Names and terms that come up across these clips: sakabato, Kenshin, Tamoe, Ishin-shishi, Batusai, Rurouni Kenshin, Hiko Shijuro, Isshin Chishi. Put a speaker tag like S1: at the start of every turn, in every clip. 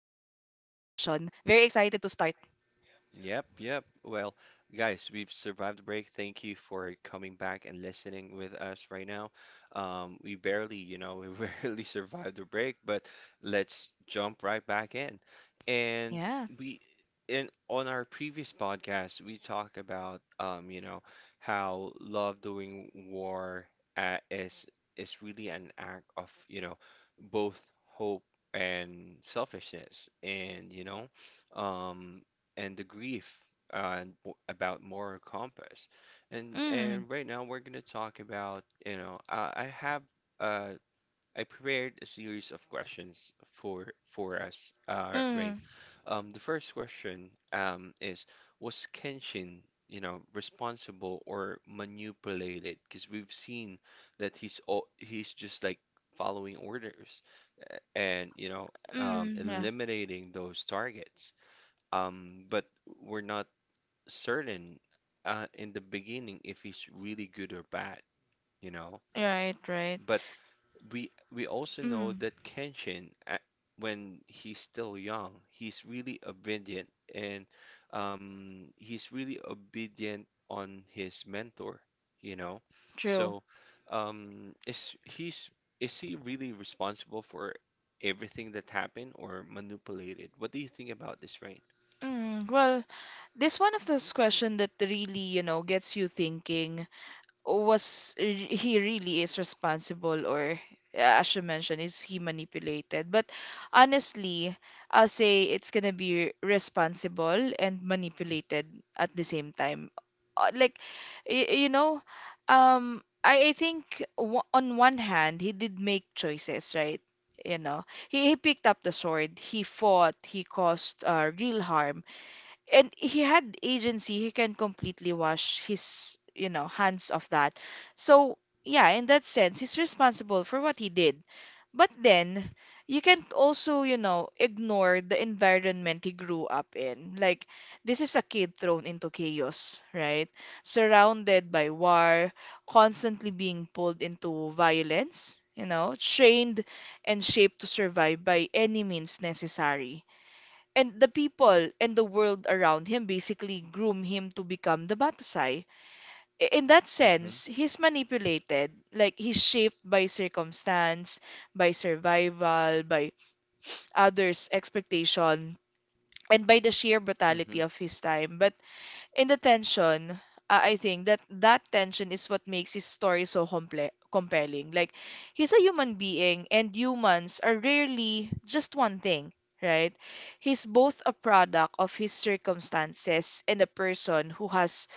S1: Very excited to start.
S2: Yep. Well, guys, we've survived the break. Thank you for coming back and listening with us right now. We barely, we barely survived the break, but let's jump right back in. And
S1: Yeah.
S2: we in on our previous podcast, we talk about how love doing war uh, is is really an act of, both hope and selfishness. And um, the grief about moral compass. And
S1: Mm.
S2: and right now we're gonna talk about, I have uh, I prepared a series of questions for us, Rain.
S1: Mm.
S2: The first question is, was Kenshin, responsible or manipulated? Because we've seen that he's just like following orders and
S1: Mm. Yeah.
S2: eliminating those targets. But we're not certain in the beginning if he's really good or bad, you know.
S1: Right. Right.
S2: But we also know
S1: Mm.
S2: that when he's still young, he's really obedient and he's really obedient on his mentor, you know.
S1: True.
S2: So, um, is he's is he really responsible for everything that happened or manipulated? What do you think about this, Rain?
S1: Mm, well, this one of those questions that really, you know, gets you thinking. He really is responsible, or, as you mentioned, is he manipulated? But honestly, I'll say it's gonna be responsible and manipulated at the same time. Like, you know, I think, on one hand, he did make choices, right? You know, he picked up the sword, he fought, he caused real harm, and he had agency. He can completely wash his, you know, hands of that. So yeah, in that sense, he's responsible for what he did. But then, you can also, you know, ignore the environment he grew up in. Like, this is a kid thrown into chaos, right? Surrounded by war, constantly being pulled into violence, you know, trained and shaped to survive by any means necessary. And the people and the world around him basically groom him to become the Batusai. In that
S2: Mhm.
S1: sense, he's manipulated, like he's shaped by circumstance, by survival, by others' expectation, and by the sheer
S2: Mhm.
S1: brutality of his time. But in the tension, I think that that tension is what makes his story so comple compelling. Like, he's a human being, and humans are rarely just one thing, right? He's both a product of his circumstances and a person who has,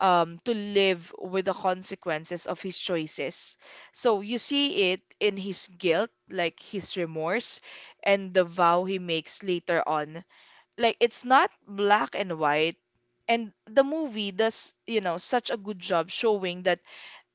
S1: to live with the consequences of his choices. So you see it in his guilt, like his remorse, and the vow he makes later on. Like, it's not black and white, and the movie does, you know, such a good job showing that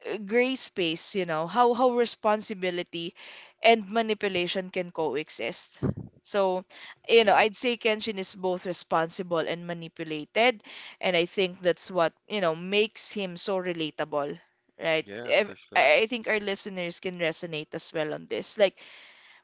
S1: gray space, you know, how responsibility and manipulation can coexist. So, you know,
S2: Yeah.
S1: I'd say Kenshin is both responsible and manipulated, and I think that's what, you know, makes him so relatable, right?
S2: Yeah,
S1: Ev-
S2: for sure.
S1: I I think our listeners can resonate as well on this. Like,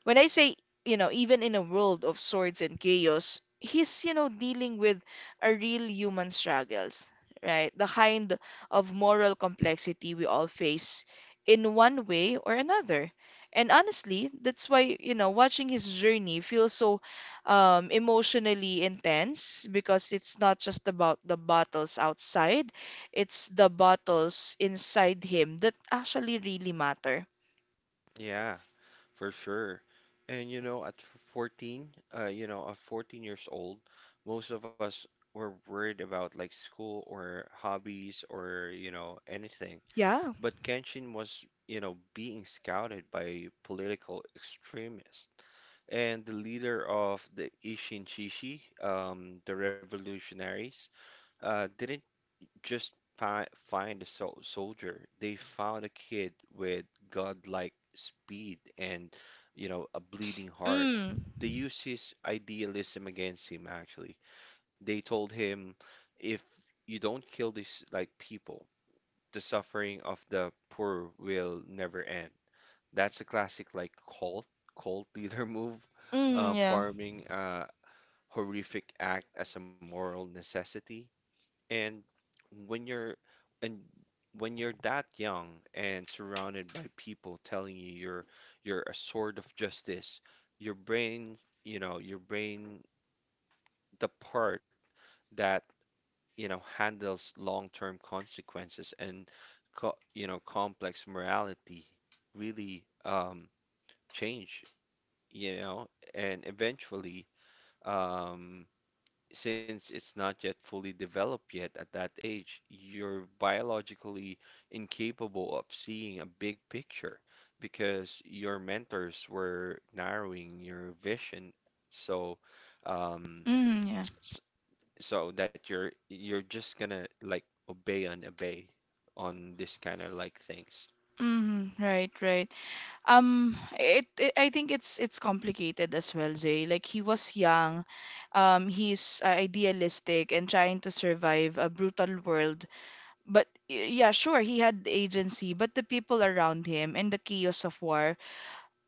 S1: when I say, you know, even in a world of swords and chaos, he's, you know, dealing with a real human struggles, right? The kind of moral complexity we all face in one way or another. And honestly, that's why, you know, watching his journey feels so emotionally intense, because it's not just about the battles outside, it's the battles inside him that actually really matter.
S2: Yeah, for sure. And you know, 14, at 14 years old, most of us were worried about like school or hobbies or, you know, anything.
S1: Yeah.
S2: But Kenshin was, you know, being scouted by political extremists. And the leader of the Isshin Chishi, the revolutionaries, didn't just fi find a soldier. They found a kid with godlike speed and, you know, a bleeding heart.
S1: Mm.
S2: They used his idealism against him, actually. They told him, if you don't kill these, like, people, the suffering of the poor will never end. That's a classic, like, cult, cult leader move,
S1: Mm, yeah.
S2: farming, horrific act as a moral necessity and when you're and when you're that young and surrounded by people telling you you're a sword of justice, your brain, your brain, the part that, you know, handles long-term consequences and complex morality really change, you know, and eventually um since it's not yet fully developed yet at that age, you're biologically incapable of seeing a big picture because your mentors were narrowing your vision so um
S1: Mm, yeah.
S2: s- so that you're just gonna like obey and obey on this kind of like things.
S1: Mm, right, right. It, it I think it's complicated as well, Zay. Like, he was young, he's idealistic and trying to survive a brutal world. But yeah, sure, he had agency, but the people around him and the chaos of war,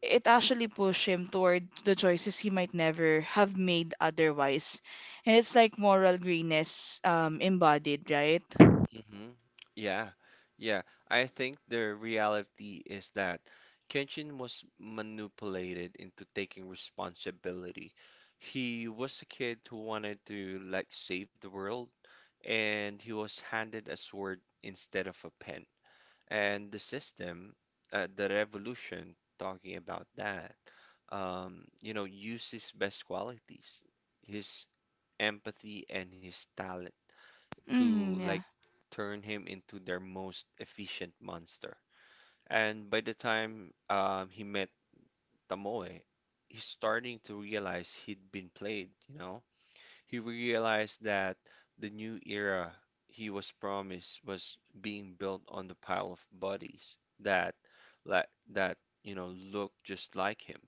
S1: it actually pushed him toward the choices he might never have made otherwise. And it's like moral greenness, embodied, right?
S2: hmm Yeah, yeah. I think the reality is that Kenshin was manipulated into taking responsibility. He was a kid who wanted to like save the world, and he was handed a sword instead of a pen. And the system, the revolution, talking about that, you know, uses best qualities, his empathy and his talent to
S1: Mm,
S2: like
S1: yeah.
S2: turn him into their most efficient monster. And by the time he met Tamoe, he's starting to realize he'd been played, you know? He realized that the new era he was promised was being built on the pile of bodies that like that, you know, look just like him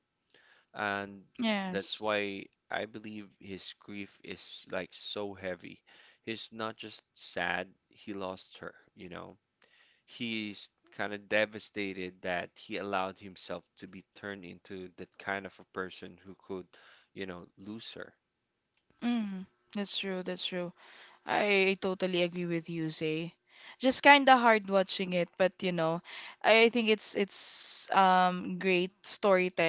S2: and that's
S1: Yes.
S2: why I believe his grief is like so heavy. He's not just sad he lost her, you know. He's kind of devastated that he allowed himself to be turned into that kind of a person who could, you know, lose her.
S1: Mm, that's true, that's true. I totally agree with you, Zay. Just kind of hard watching it, but you know, I think it's great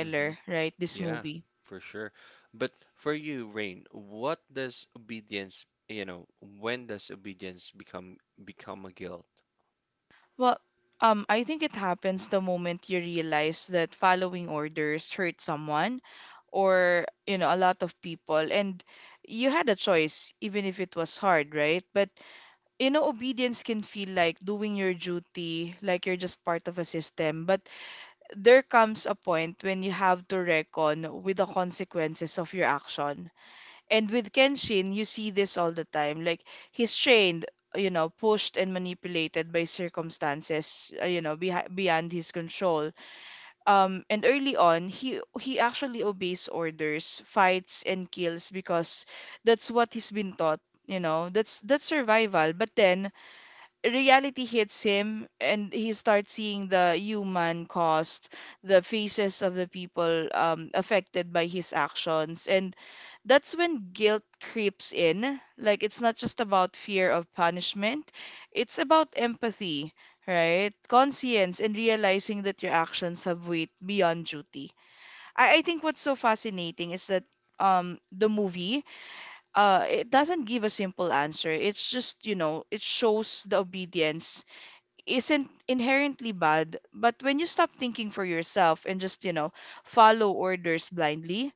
S2: hmm
S1: right? This
S2: Yeah,
S1: movie.
S2: for sure. But for you, Rain, what does obedience, you know, when does obedience become a guilt?
S1: Well, I think it happens the moment you realize that following orders hurt someone, or, you know, a lot of people, and you had a choice, even if it was hard, right? But you know, obedience can feel like doing your duty, like you're just part of a system, but there comes a point when you have to reckon with the consequences of your action. And with Kenshin, you see this all the time. Like, he's trained, you know, pushed and manipulated by circumstances, you know, beyond his control. And early on, he actually obeys orders, fights, and kills because that's what he's been taught. You know, that's survival. But then reality hits him, and he starts seeing the human cost, the faces of the people, affected by his actions. And that's when guilt creeps in. Like, it's not just about fear of punishment, it's about empathy, right? Conscience, and realizing that your actions have weight beyond duty. I think what's so fascinating is that. The movie, it doesn't give a simple answer. It's just, you know, it shows the obedience isn't inherently bad, but when you stop thinking for yourself and just, you know, follow orders blindly,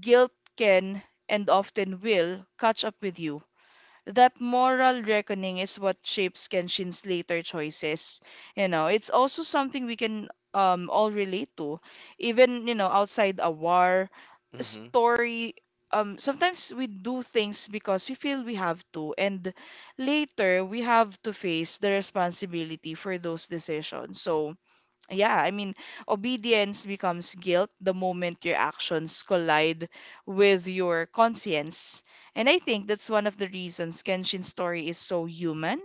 S1: guilt can and often will catch up with you. That moral reckoning is what shapes Kenshin's later choices. You know, it's also something we can all relate to, even, you know, outside a war
S2: hmm
S1: story. Sometimes we do things because we feel we have to, and later we have to face the responsibility for those decisions. So, yeah, I mean, obedience becomes guilt the moment your actions collide with your conscience. And I think that's one of the reasons Kenshin's story is so human.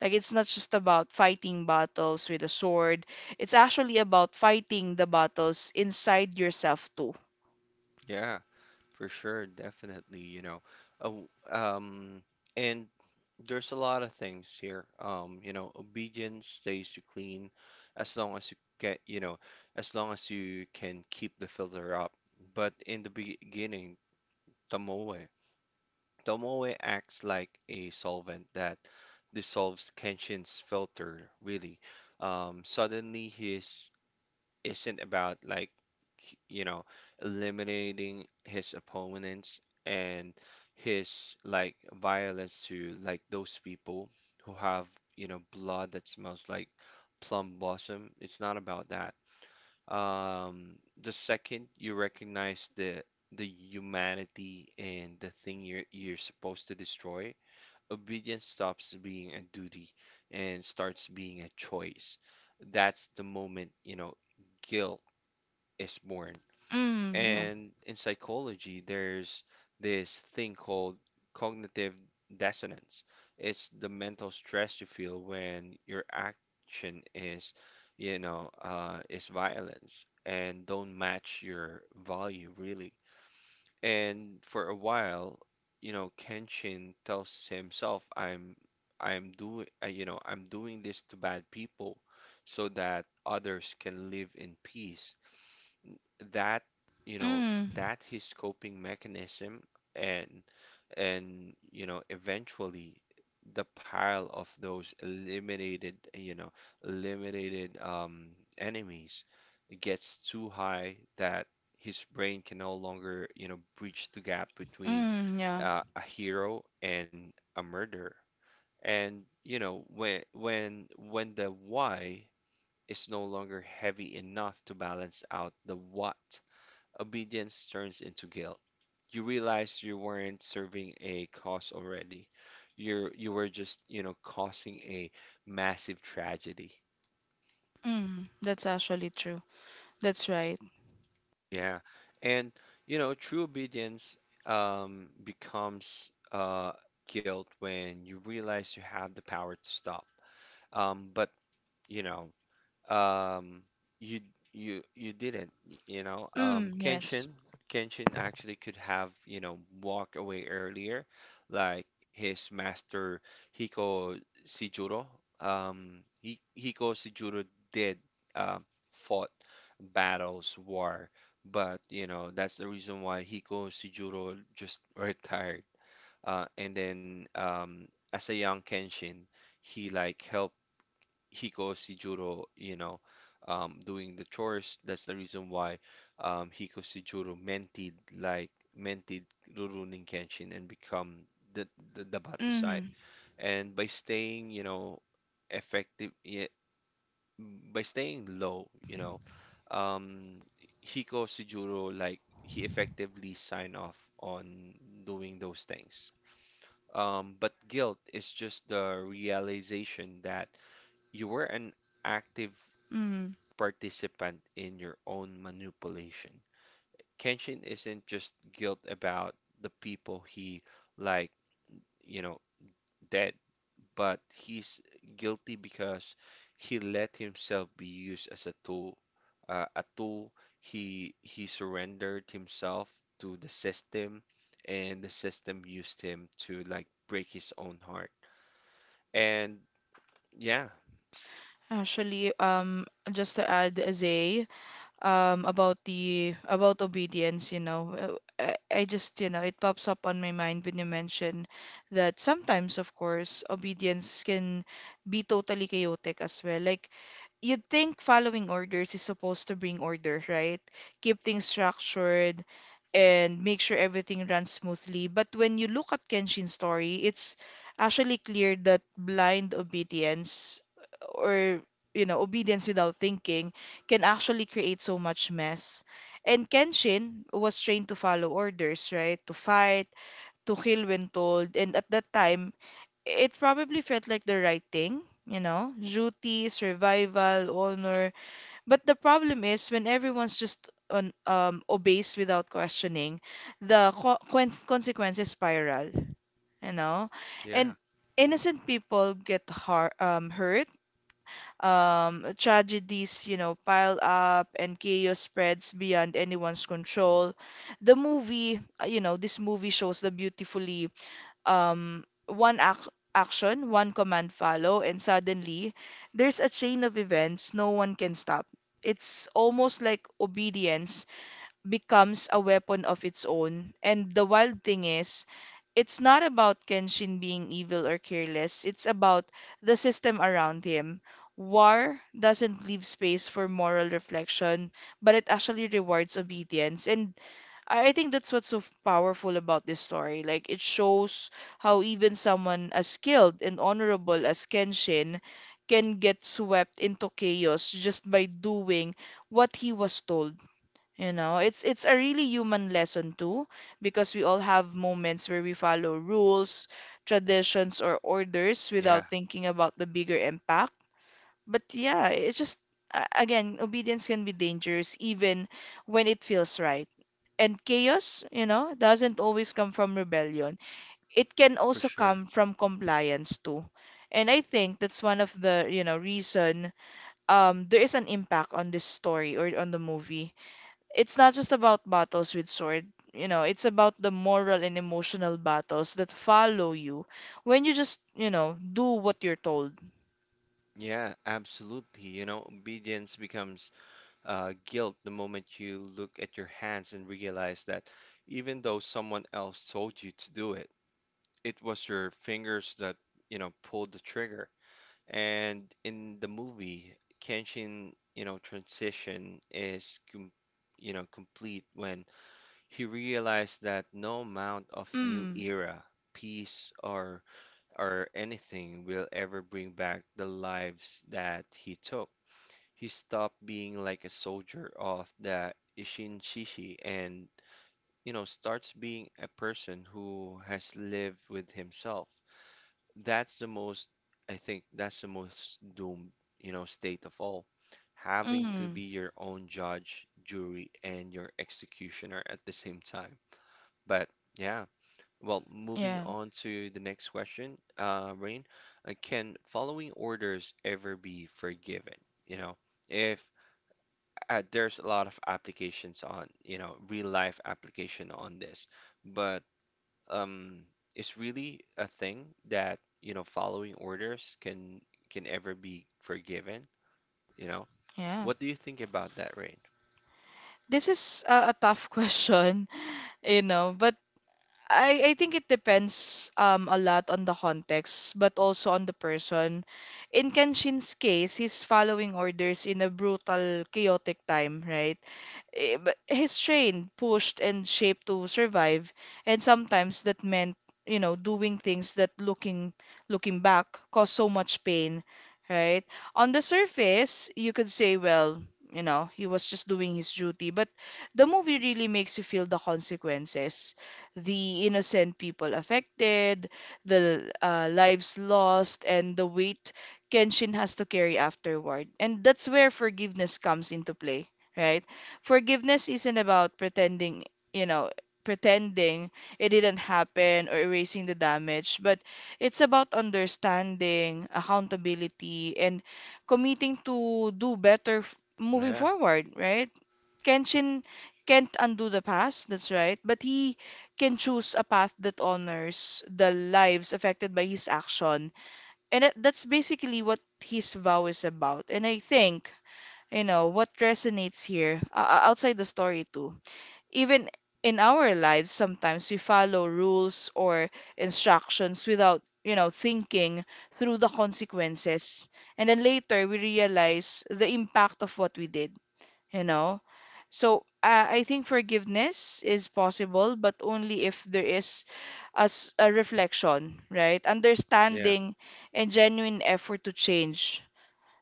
S1: Like, it's not just about fighting battles with a sword, it's actually about fighting the battles inside yourself, too.
S2: Yeah. For sure, definitely, you know. Oh, and there's a lot of things here. You know, obedience stays to clean as long as you get, you know, as long as you can keep the filter up. But in the beginning, tamoe, tamoe acts like a solvent that dissolves Kenshin's filter, really. Suddenly, his isn't about like you know eliminating his opponents and his like violence to like those people who have you know blood that smells like plum blossom. It's not about that. Um, the second you recognize the humanity and the thing you're supposed to destroy, obedience stops being a duty and starts being a choice. That's the moment, you know, guilt is born.
S1: Mm, yeah.
S2: And in psychology, there's this thing called cognitive dissonance. It's the mental stress you feel when your action is, is violence and don't match your value really. And for a while, you know, Kenshin tells himself, I'm doing, I'm doing this to bad people, so that others can live in peace." that you know
S1: Mm,
S2: that his coping mechanism and you know eventually the pile of those eliminated eliminated um, enemies gets too high that his brain can no longer you know breach the gap between
S1: mm, yeah.
S2: a hero and a murderer and you know when the why is no longer heavy enough to balance out the what obedience turns into guilt. You realize you weren't serving a cause already. You were just, you know, causing a massive tragedy.
S1: Mm, that's actually true. That's right.
S2: Yeah. And you know, true obedience becomes guilt when you realize you have the power to stop. But you know, um you you didn't you know
S1: Mm, yes.
S2: Kenshin actually could have you know walked away earlier like his master Hiko Shijuro Hiko Shijuro did um fought battles war but you know that's the reason why Hiko Shijuro just retired and then as a young Kenshin he like helped Hiko Shijuro, you know, doing the chores. That's the reason why Hiko Shijuro mented mented Rurouni Kenshin and become the the Batusai.
S1: Mm,
S2: And by staying, you know, effective, yeah, by staying low, you know, um, Hiko Shijuro like he effectively signed off on doing those things. But guilt is just the realization that you were an active
S1: mm.
S2: participant in your own manipulation. Kenshin isn't just guilt about the people he like, you know, dead, but he's guilty because he let himself be used as a tool, a tool. He surrendered himself to the system, and the system used him to like break his own heart. And yeah,
S1: Actually, just to add, Zay, about the about obedience, you know. I just, you know, it pops up on my mind when you mention that sometimes, of course, obedience can be totally chaotic as well. Like, you'd think following orders is supposed to bring order, right? Keep things structured and make sure everything runs smoothly. But when you look at Kenshin's story, it's actually clear that blind obedience, or, you know, obedience without thinking, can actually create so much mess. And Kenshin was trained to follow orders, right? To fight, to kill when told, and at that time it probably felt like the right thing, you know, duty, survival, honor. But the problem is, when everyone's just on, obeys without questioning, the consequences spiral, you know, and
S2: yeah,
S1: innocent people get har hurt. Tragedies, you know, pile up, and chaos spreads beyond anyone's control. The movie, you know, this movie shows the beautifully, um, one ac- action, one command follow, and suddenly there's a chain of events no one can stop. It's almost like obedience becomes a weapon of its own. And the wild thing is, it's not about Kenshin being evil or careless. It's about the system around him. War doesn't leave space for moral reflection, but it actually rewards obedience. And I think that's what's so powerful about this story. Like, it shows how even someone as skilled and honorable as Kenshin can get swept into chaos just by doing what he was told. You know, it's a really human lesson too, because we all have moments where we follow rules, traditions, or orders
S2: yeah,
S1: without thinking about the bigger impact. But yeah, it's just again, obedience can be dangerous even when it feels right. And chaos, you know, doesn't always come from rebellion. It can
S2: for
S1: also
S2: sure.
S1: come from compliance too. And I think that's one of the, you know, reason there is an impact on this story or on the movie. It's not just about battles with sword, you know, it's about the moral and emotional battles that follow you when you just, you know, do what you're told.
S2: Yeah, absolutely. You know, obedience becomes guilt the moment you look at your hands and realize that even though someone else told you to do it, it was your fingers that, you know, pulled the trigger. And in the movie, Kenshin, you know, transition is, complete when he realized that no amount of new
S1: Mm.
S2: era, peace, or anything will ever bring back the lives that he took he stopped being like a soldier of the Ishin-shishi and, you know, starts being a person who has lived with himself. That's the most, I think, that's the most doomed, you know, state of all. Having to
S1: Mm.
S2: be your own judge, jury, and your executioner at the same time. But yeah, well, moving
S1: Yeah.
S2: on to the next question, Rain, can following orders ever be forgiven? You know, if there's a lot of applications on, you know, real life application on this, but um, it's really a thing that, you know, following orders can ever be forgiven, you know.
S1: Yeah.
S2: What do you think about that, Rain?
S1: This is a tough question, you know, but I think it depends, a lot, on the context, but also on the person. In Kenshin's case, he's following orders in a brutal, chaotic time, right? But his train pushed and shaped to survive, and sometimes that meant, you know, doing things that looking back caused so much pain, right? On the surface, you could say, well, you know, he was just doing his duty, but the movie really makes you feel the consequences, the innocent people affected, the lives lost, and the weight Kenshin has to carry afterward. And that's where forgiveness comes into play, right? Forgiveness isn't about pretending, you know, pretending it didn't happen, or erasing the damage, but it's about understanding, accountability, and committing to do better, moving
S2: Yeah,
S1: forward, right? Kenshin can't undo the past, that's right, but he can choose a path that honors the lives affected by his action. And that's basically what his vow is about. And I think, you know, what resonates here, outside the story too, even in our lives, sometimes we follow rules or instructions without, you know, thinking through the consequences, and then later we realize the impact of what we did, you know. So, I think forgiveness is possible, but only if there is as a reflection, right?
S2: yeah.
S1: Understanding and genuine effort to change.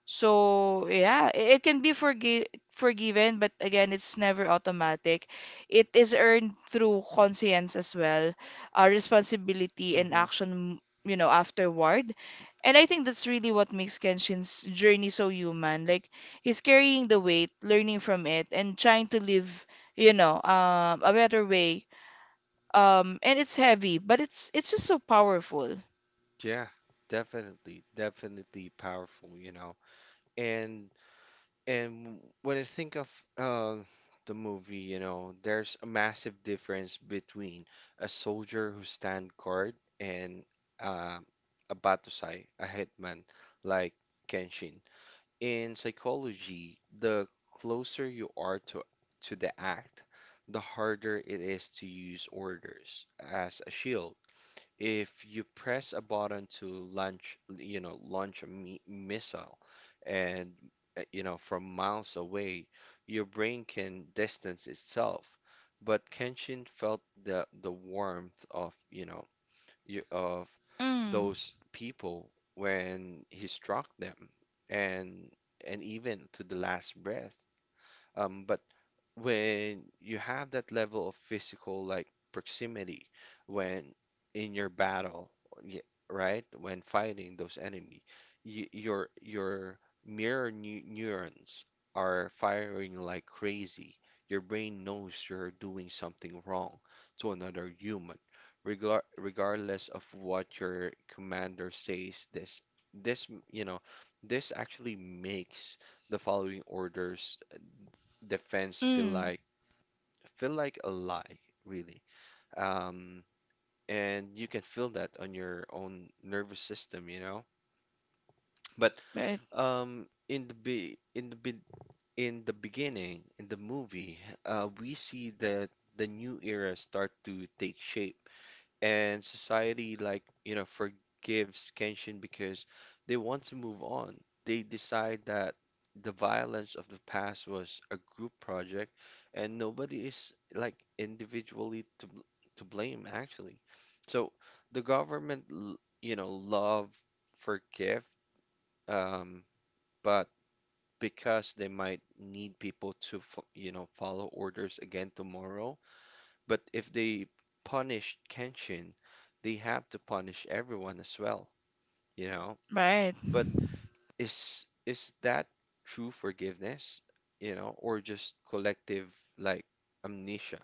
S1: So yeah, it can be forgiven, but again, it's never automatic. It is earned through conscience as well, responsibility and
S2: hmm
S1: action, you know, afterward. And I think that's really what makes Kenshin's journey so human. Like, he's carrying the weight, learning from it, and trying to live, you know, a better way. And it's heavy, but it's just so powerful.
S2: Yeah, definitely, definitely powerful, you know. And And when I think of uh, the movie, you know, there's a massive difference between a soldier who stand guard and uh, a Batusai, a hitman like Kenshin. In psychology, the closer you are to the act, the harder it is to use orders as a shield if you press a button to launch, launch a mi missile and, you know, from miles away, your brain can distance itself. But Kenshin felt the warmth of, of
S1: Mm,
S2: those people when he struck them and even to the last breath. But when you have that level of physical like proximity when in your battle, y- right? When fighting those enemy, y your mirror neurons are firing like crazy. Your brain knows you're doing something wrong to another human, regardless of what your commander says. This you know this actually makes the following orders defense feel
S1: mm,
S2: like a lie, really. Um, and you can feel that on your own nervous system, you know. But
S1: right,
S2: um, in the be in the be in the beginning in the movie, we see that the new era start to take shape. And society like you know forgives Kenshin because they want to move on. They decide that the violence of the past was a group project and nobody is like individually to to blame actually. So the government love forgive um but because they might need people to follow orders again tomorrow, but if they punished Kenshin, they have to punish everyone as well, you know?
S1: right.
S2: But is that true forgiveness, you know, or just collective like amnesia?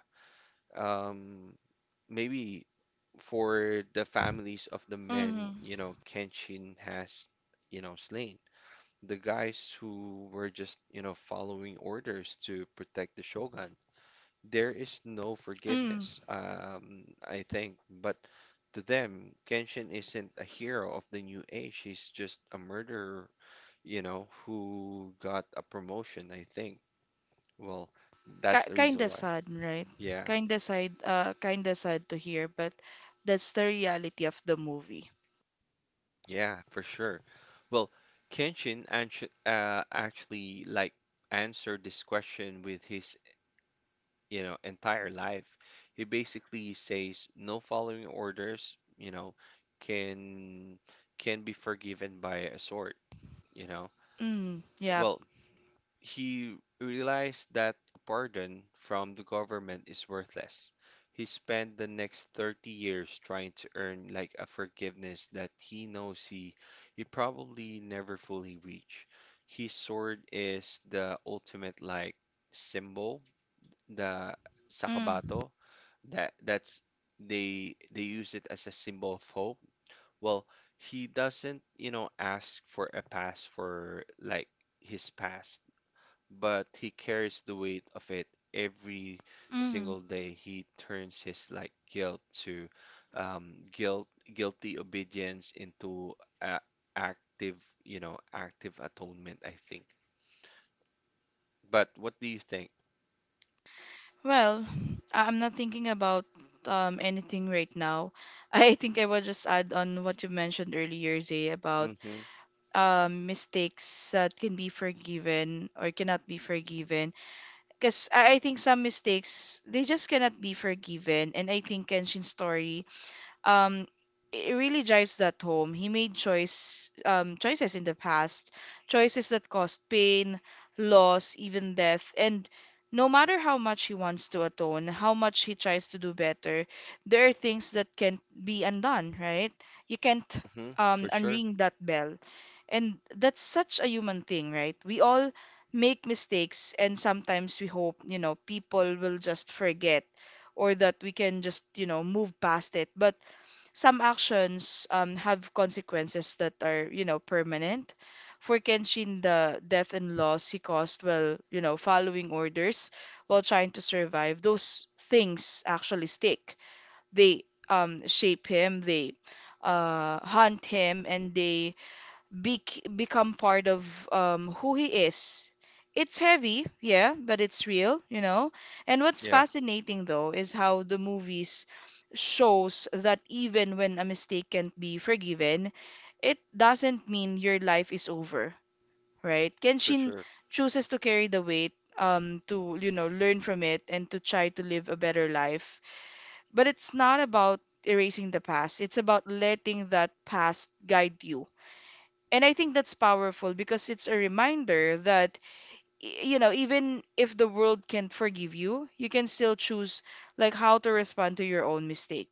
S2: Um, Maybe for the families of the
S1: Mm-hmm.
S2: men, you know, Kenshin has, you know, slain. The guys who were just, you know, following orders to protect the shogun. There is no
S1: Mm,
S2: forgiveness. I think, but to them, Kenshin isn't a hero of the new age. He's just a murderer, you know, who got a promotion, I think. Well, that's the reason
S1: kinda
S2: why.
S1: sad, right?
S2: Yeah.
S1: Kinda sad to hear, but that's the reality of the movie.
S2: Yeah, for sure. Well, Kenshin actually like answered this question with his, you know, entire life. He basically says no following orders, you know, can can be forgiven by a sword, you know.
S1: Mm, yeah.
S2: Well, he realized that a pardon from the government is worthless. He spent the next 30 years trying to earn like a forgiveness that he knows he probably never fully reach. His sword is the ultimate like symbol, the
S1: Mm,
S2: sakabato, that's they use it as a symbol of hope. Well, he doesn't, you know, ask for a pass for like his past, but he carries the weight of it every
S1: mm.
S2: single day. He turns his like guilt to um, guilt guilty obedience into a active, you know, active atonement, I think. But what do you think?
S1: Well, I'm not thinking about anything right now. I think I will just add on what you mentioned earlier, Zay, about
S2: Mm-hmm.
S1: mistakes that can be forgiven or cannot be forgiven. Because I think some mistakes they just cannot be forgiven, and I think Kenshin's story, um, it really drives that home. He made choices in the past, choices that caused pain, loss, even death. And no matter how much he wants to atone, how much he tries to do better, there are things that can't be undone, right? You can't,
S2: Mm-hmm. For sure.
S1: unring that bell. And that's such a human thing, right? We all make mistakes, and sometimes we hope, you know, people will just forget, or that we can just, you know, move past it. But some actions, have consequences that are, you know, permanent. For Kenshin, the death and loss he caused while, you know, following orders, while trying to survive, those things actually stick. They, shape him, they haunt him, and they become part of, who he is. It's heavy, yeah, but it's real, you know. And what's
S2: Yeah,
S1: fascinating though is how the movies shows that even when a mistake can't be forgiven, it doesn't mean your life is over, right?
S2: for
S1: Kenshin
S2: sure.
S1: chooses to carry the weight, to, you know, learn from it and to try to live a better life. But it's not about erasing the past. It's about letting that past guide you. And I think that's powerful because it's a reminder that, you know, even if the world can't forgive you, you can still choose like how to respond to your own mistake,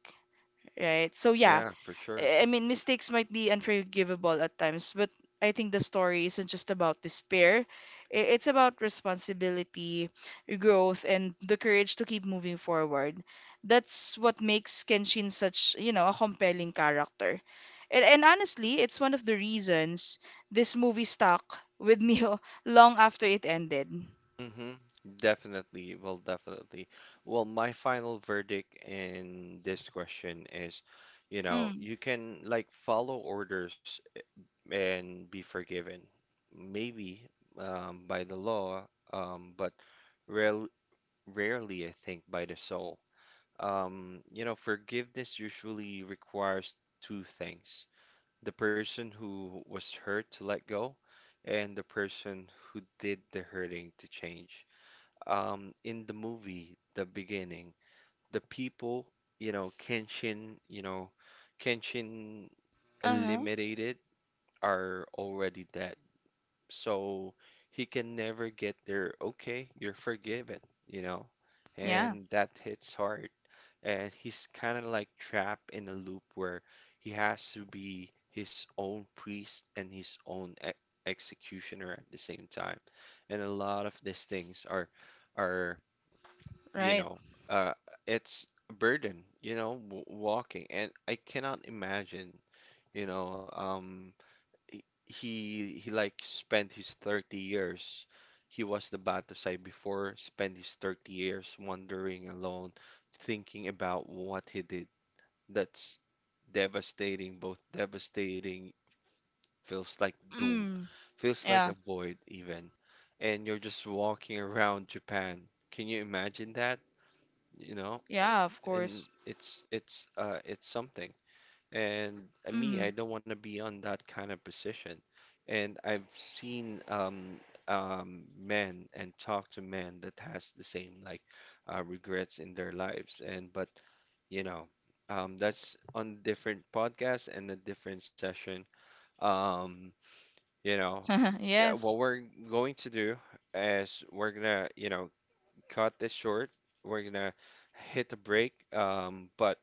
S1: right? So yeah,
S2: Yeah, for sure.
S1: I mean, mistakes might be unforgivable at times, but I think the story isn't just about despair. It's about responsibility, growth, and the courage to keep moving forward. That's what makes Kenshin such, you know, a compelling character. And honestly, it's one of the reasons this movie stuck with me long after it ended.
S2: Hmm. Definitely. Well, definitely. Well, my final verdict in this question is, you know,
S1: Mm.
S2: you can like follow orders and be forgiven, maybe by the law, but rarely, rarely, I think, by the soul. You know, forgiveness usually requires two things: the person who was hurt to let go, and the person who did the hurting to change. In the movie, the beginning, the people, you know, Kenshin
S1: Uh-huh.
S2: eliminated are already dead. So he can never get there. Okay, you're forgiven, you know,
S1: Yeah,
S2: and that hits hard. And he's kind of like trapped in a loop where he has to be his own priest and his own e executioner at the same time. And a lot of these things are you
S1: right.
S2: know, uh, it's a burden, you know, w walking. And I cannot imagine, you know, he like spent his 30 years. He was the Batusay before, spent his 30 years wandering alone, thinking about what he did. That's devastating, feels like doom,
S1: Mm.
S2: feels like a
S1: Yeah.
S2: void even. And you're just walking around Japan. Can you imagine that? You know,
S1: Yeah, of
S2: and
S1: course.
S2: it's it's something. And me, I
S1: Mm.
S2: don't want to be on that kind of position. And I've seen men and talk to men that has the same like regrets in their lives. And but you know, that's on different podcast and a different session. Um, you know, yeah,
S1: Yes.
S2: what we're going to do is we're gonna, you know, cut this short. We're gonna hit a break. But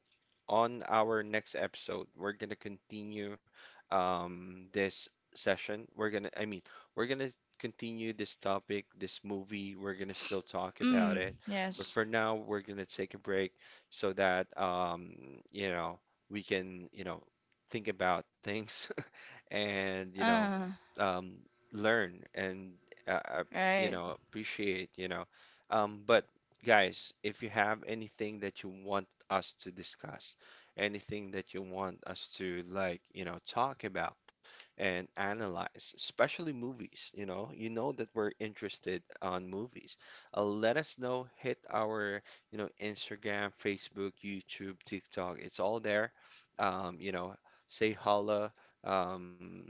S2: on our next episode, we're gonna continue this session. We're gonna continue this topic, this movie. We're gonna still talk about
S1: Mm,
S2: it. But
S1: yes.
S2: for now, we're gonna take a break so that you know, we can, you know, think about things. And you know
S1: Uh,
S2: um, learn and uh, uh, you
S1: right.
S2: know appreciate, you know, but guys, if you have anything that you want us to discuss, anything that you want us to like, you know, talk about and analyze, especially movies, you know, you know that we're interested on movies. Let us know, hit our, you know, Instagram, Facebook, YouTube, TikTok, it's all there. You know, say hello, um,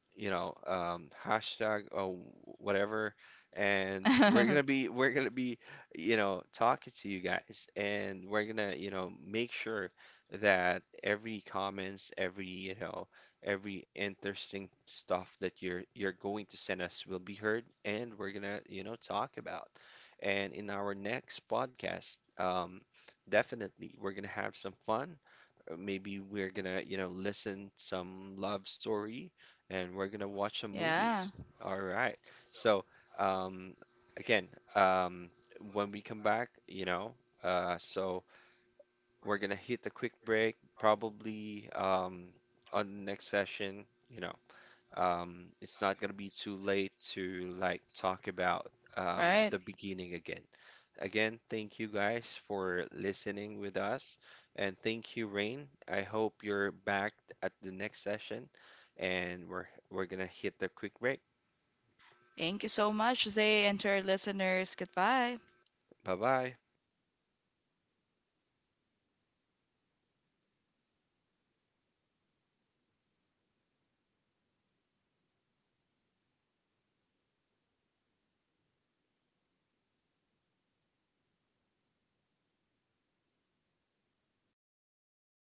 S2: you know, hashtag or whatever, and we're gonna be, you know, talking to you guys, and we're gonna, you know, make sure that every comments, every, you know, every interesting stuff that you're going to send us will be heard, and we're gonna, you know, talk about. And in our next podcast, definitely we're gonna have some fun. Maybe we're gonna, you know, listen some love story and we're gonna watch some
S1: Yeah,
S2: movies. All right. So, um, again, um, when we come back, you know, so we're gonna hit a quick break, probably on the next session, you know, it's not gonna be too late to like talk about
S1: right.
S2: the beginning again. Again, thank you guys for listening with us, and thank you, Rain. I hope you're back at the next session, and we're gonna hit the quick break.
S1: Thank you so much, Zay, and to our listeners. Goodbye.
S2: Bye bye.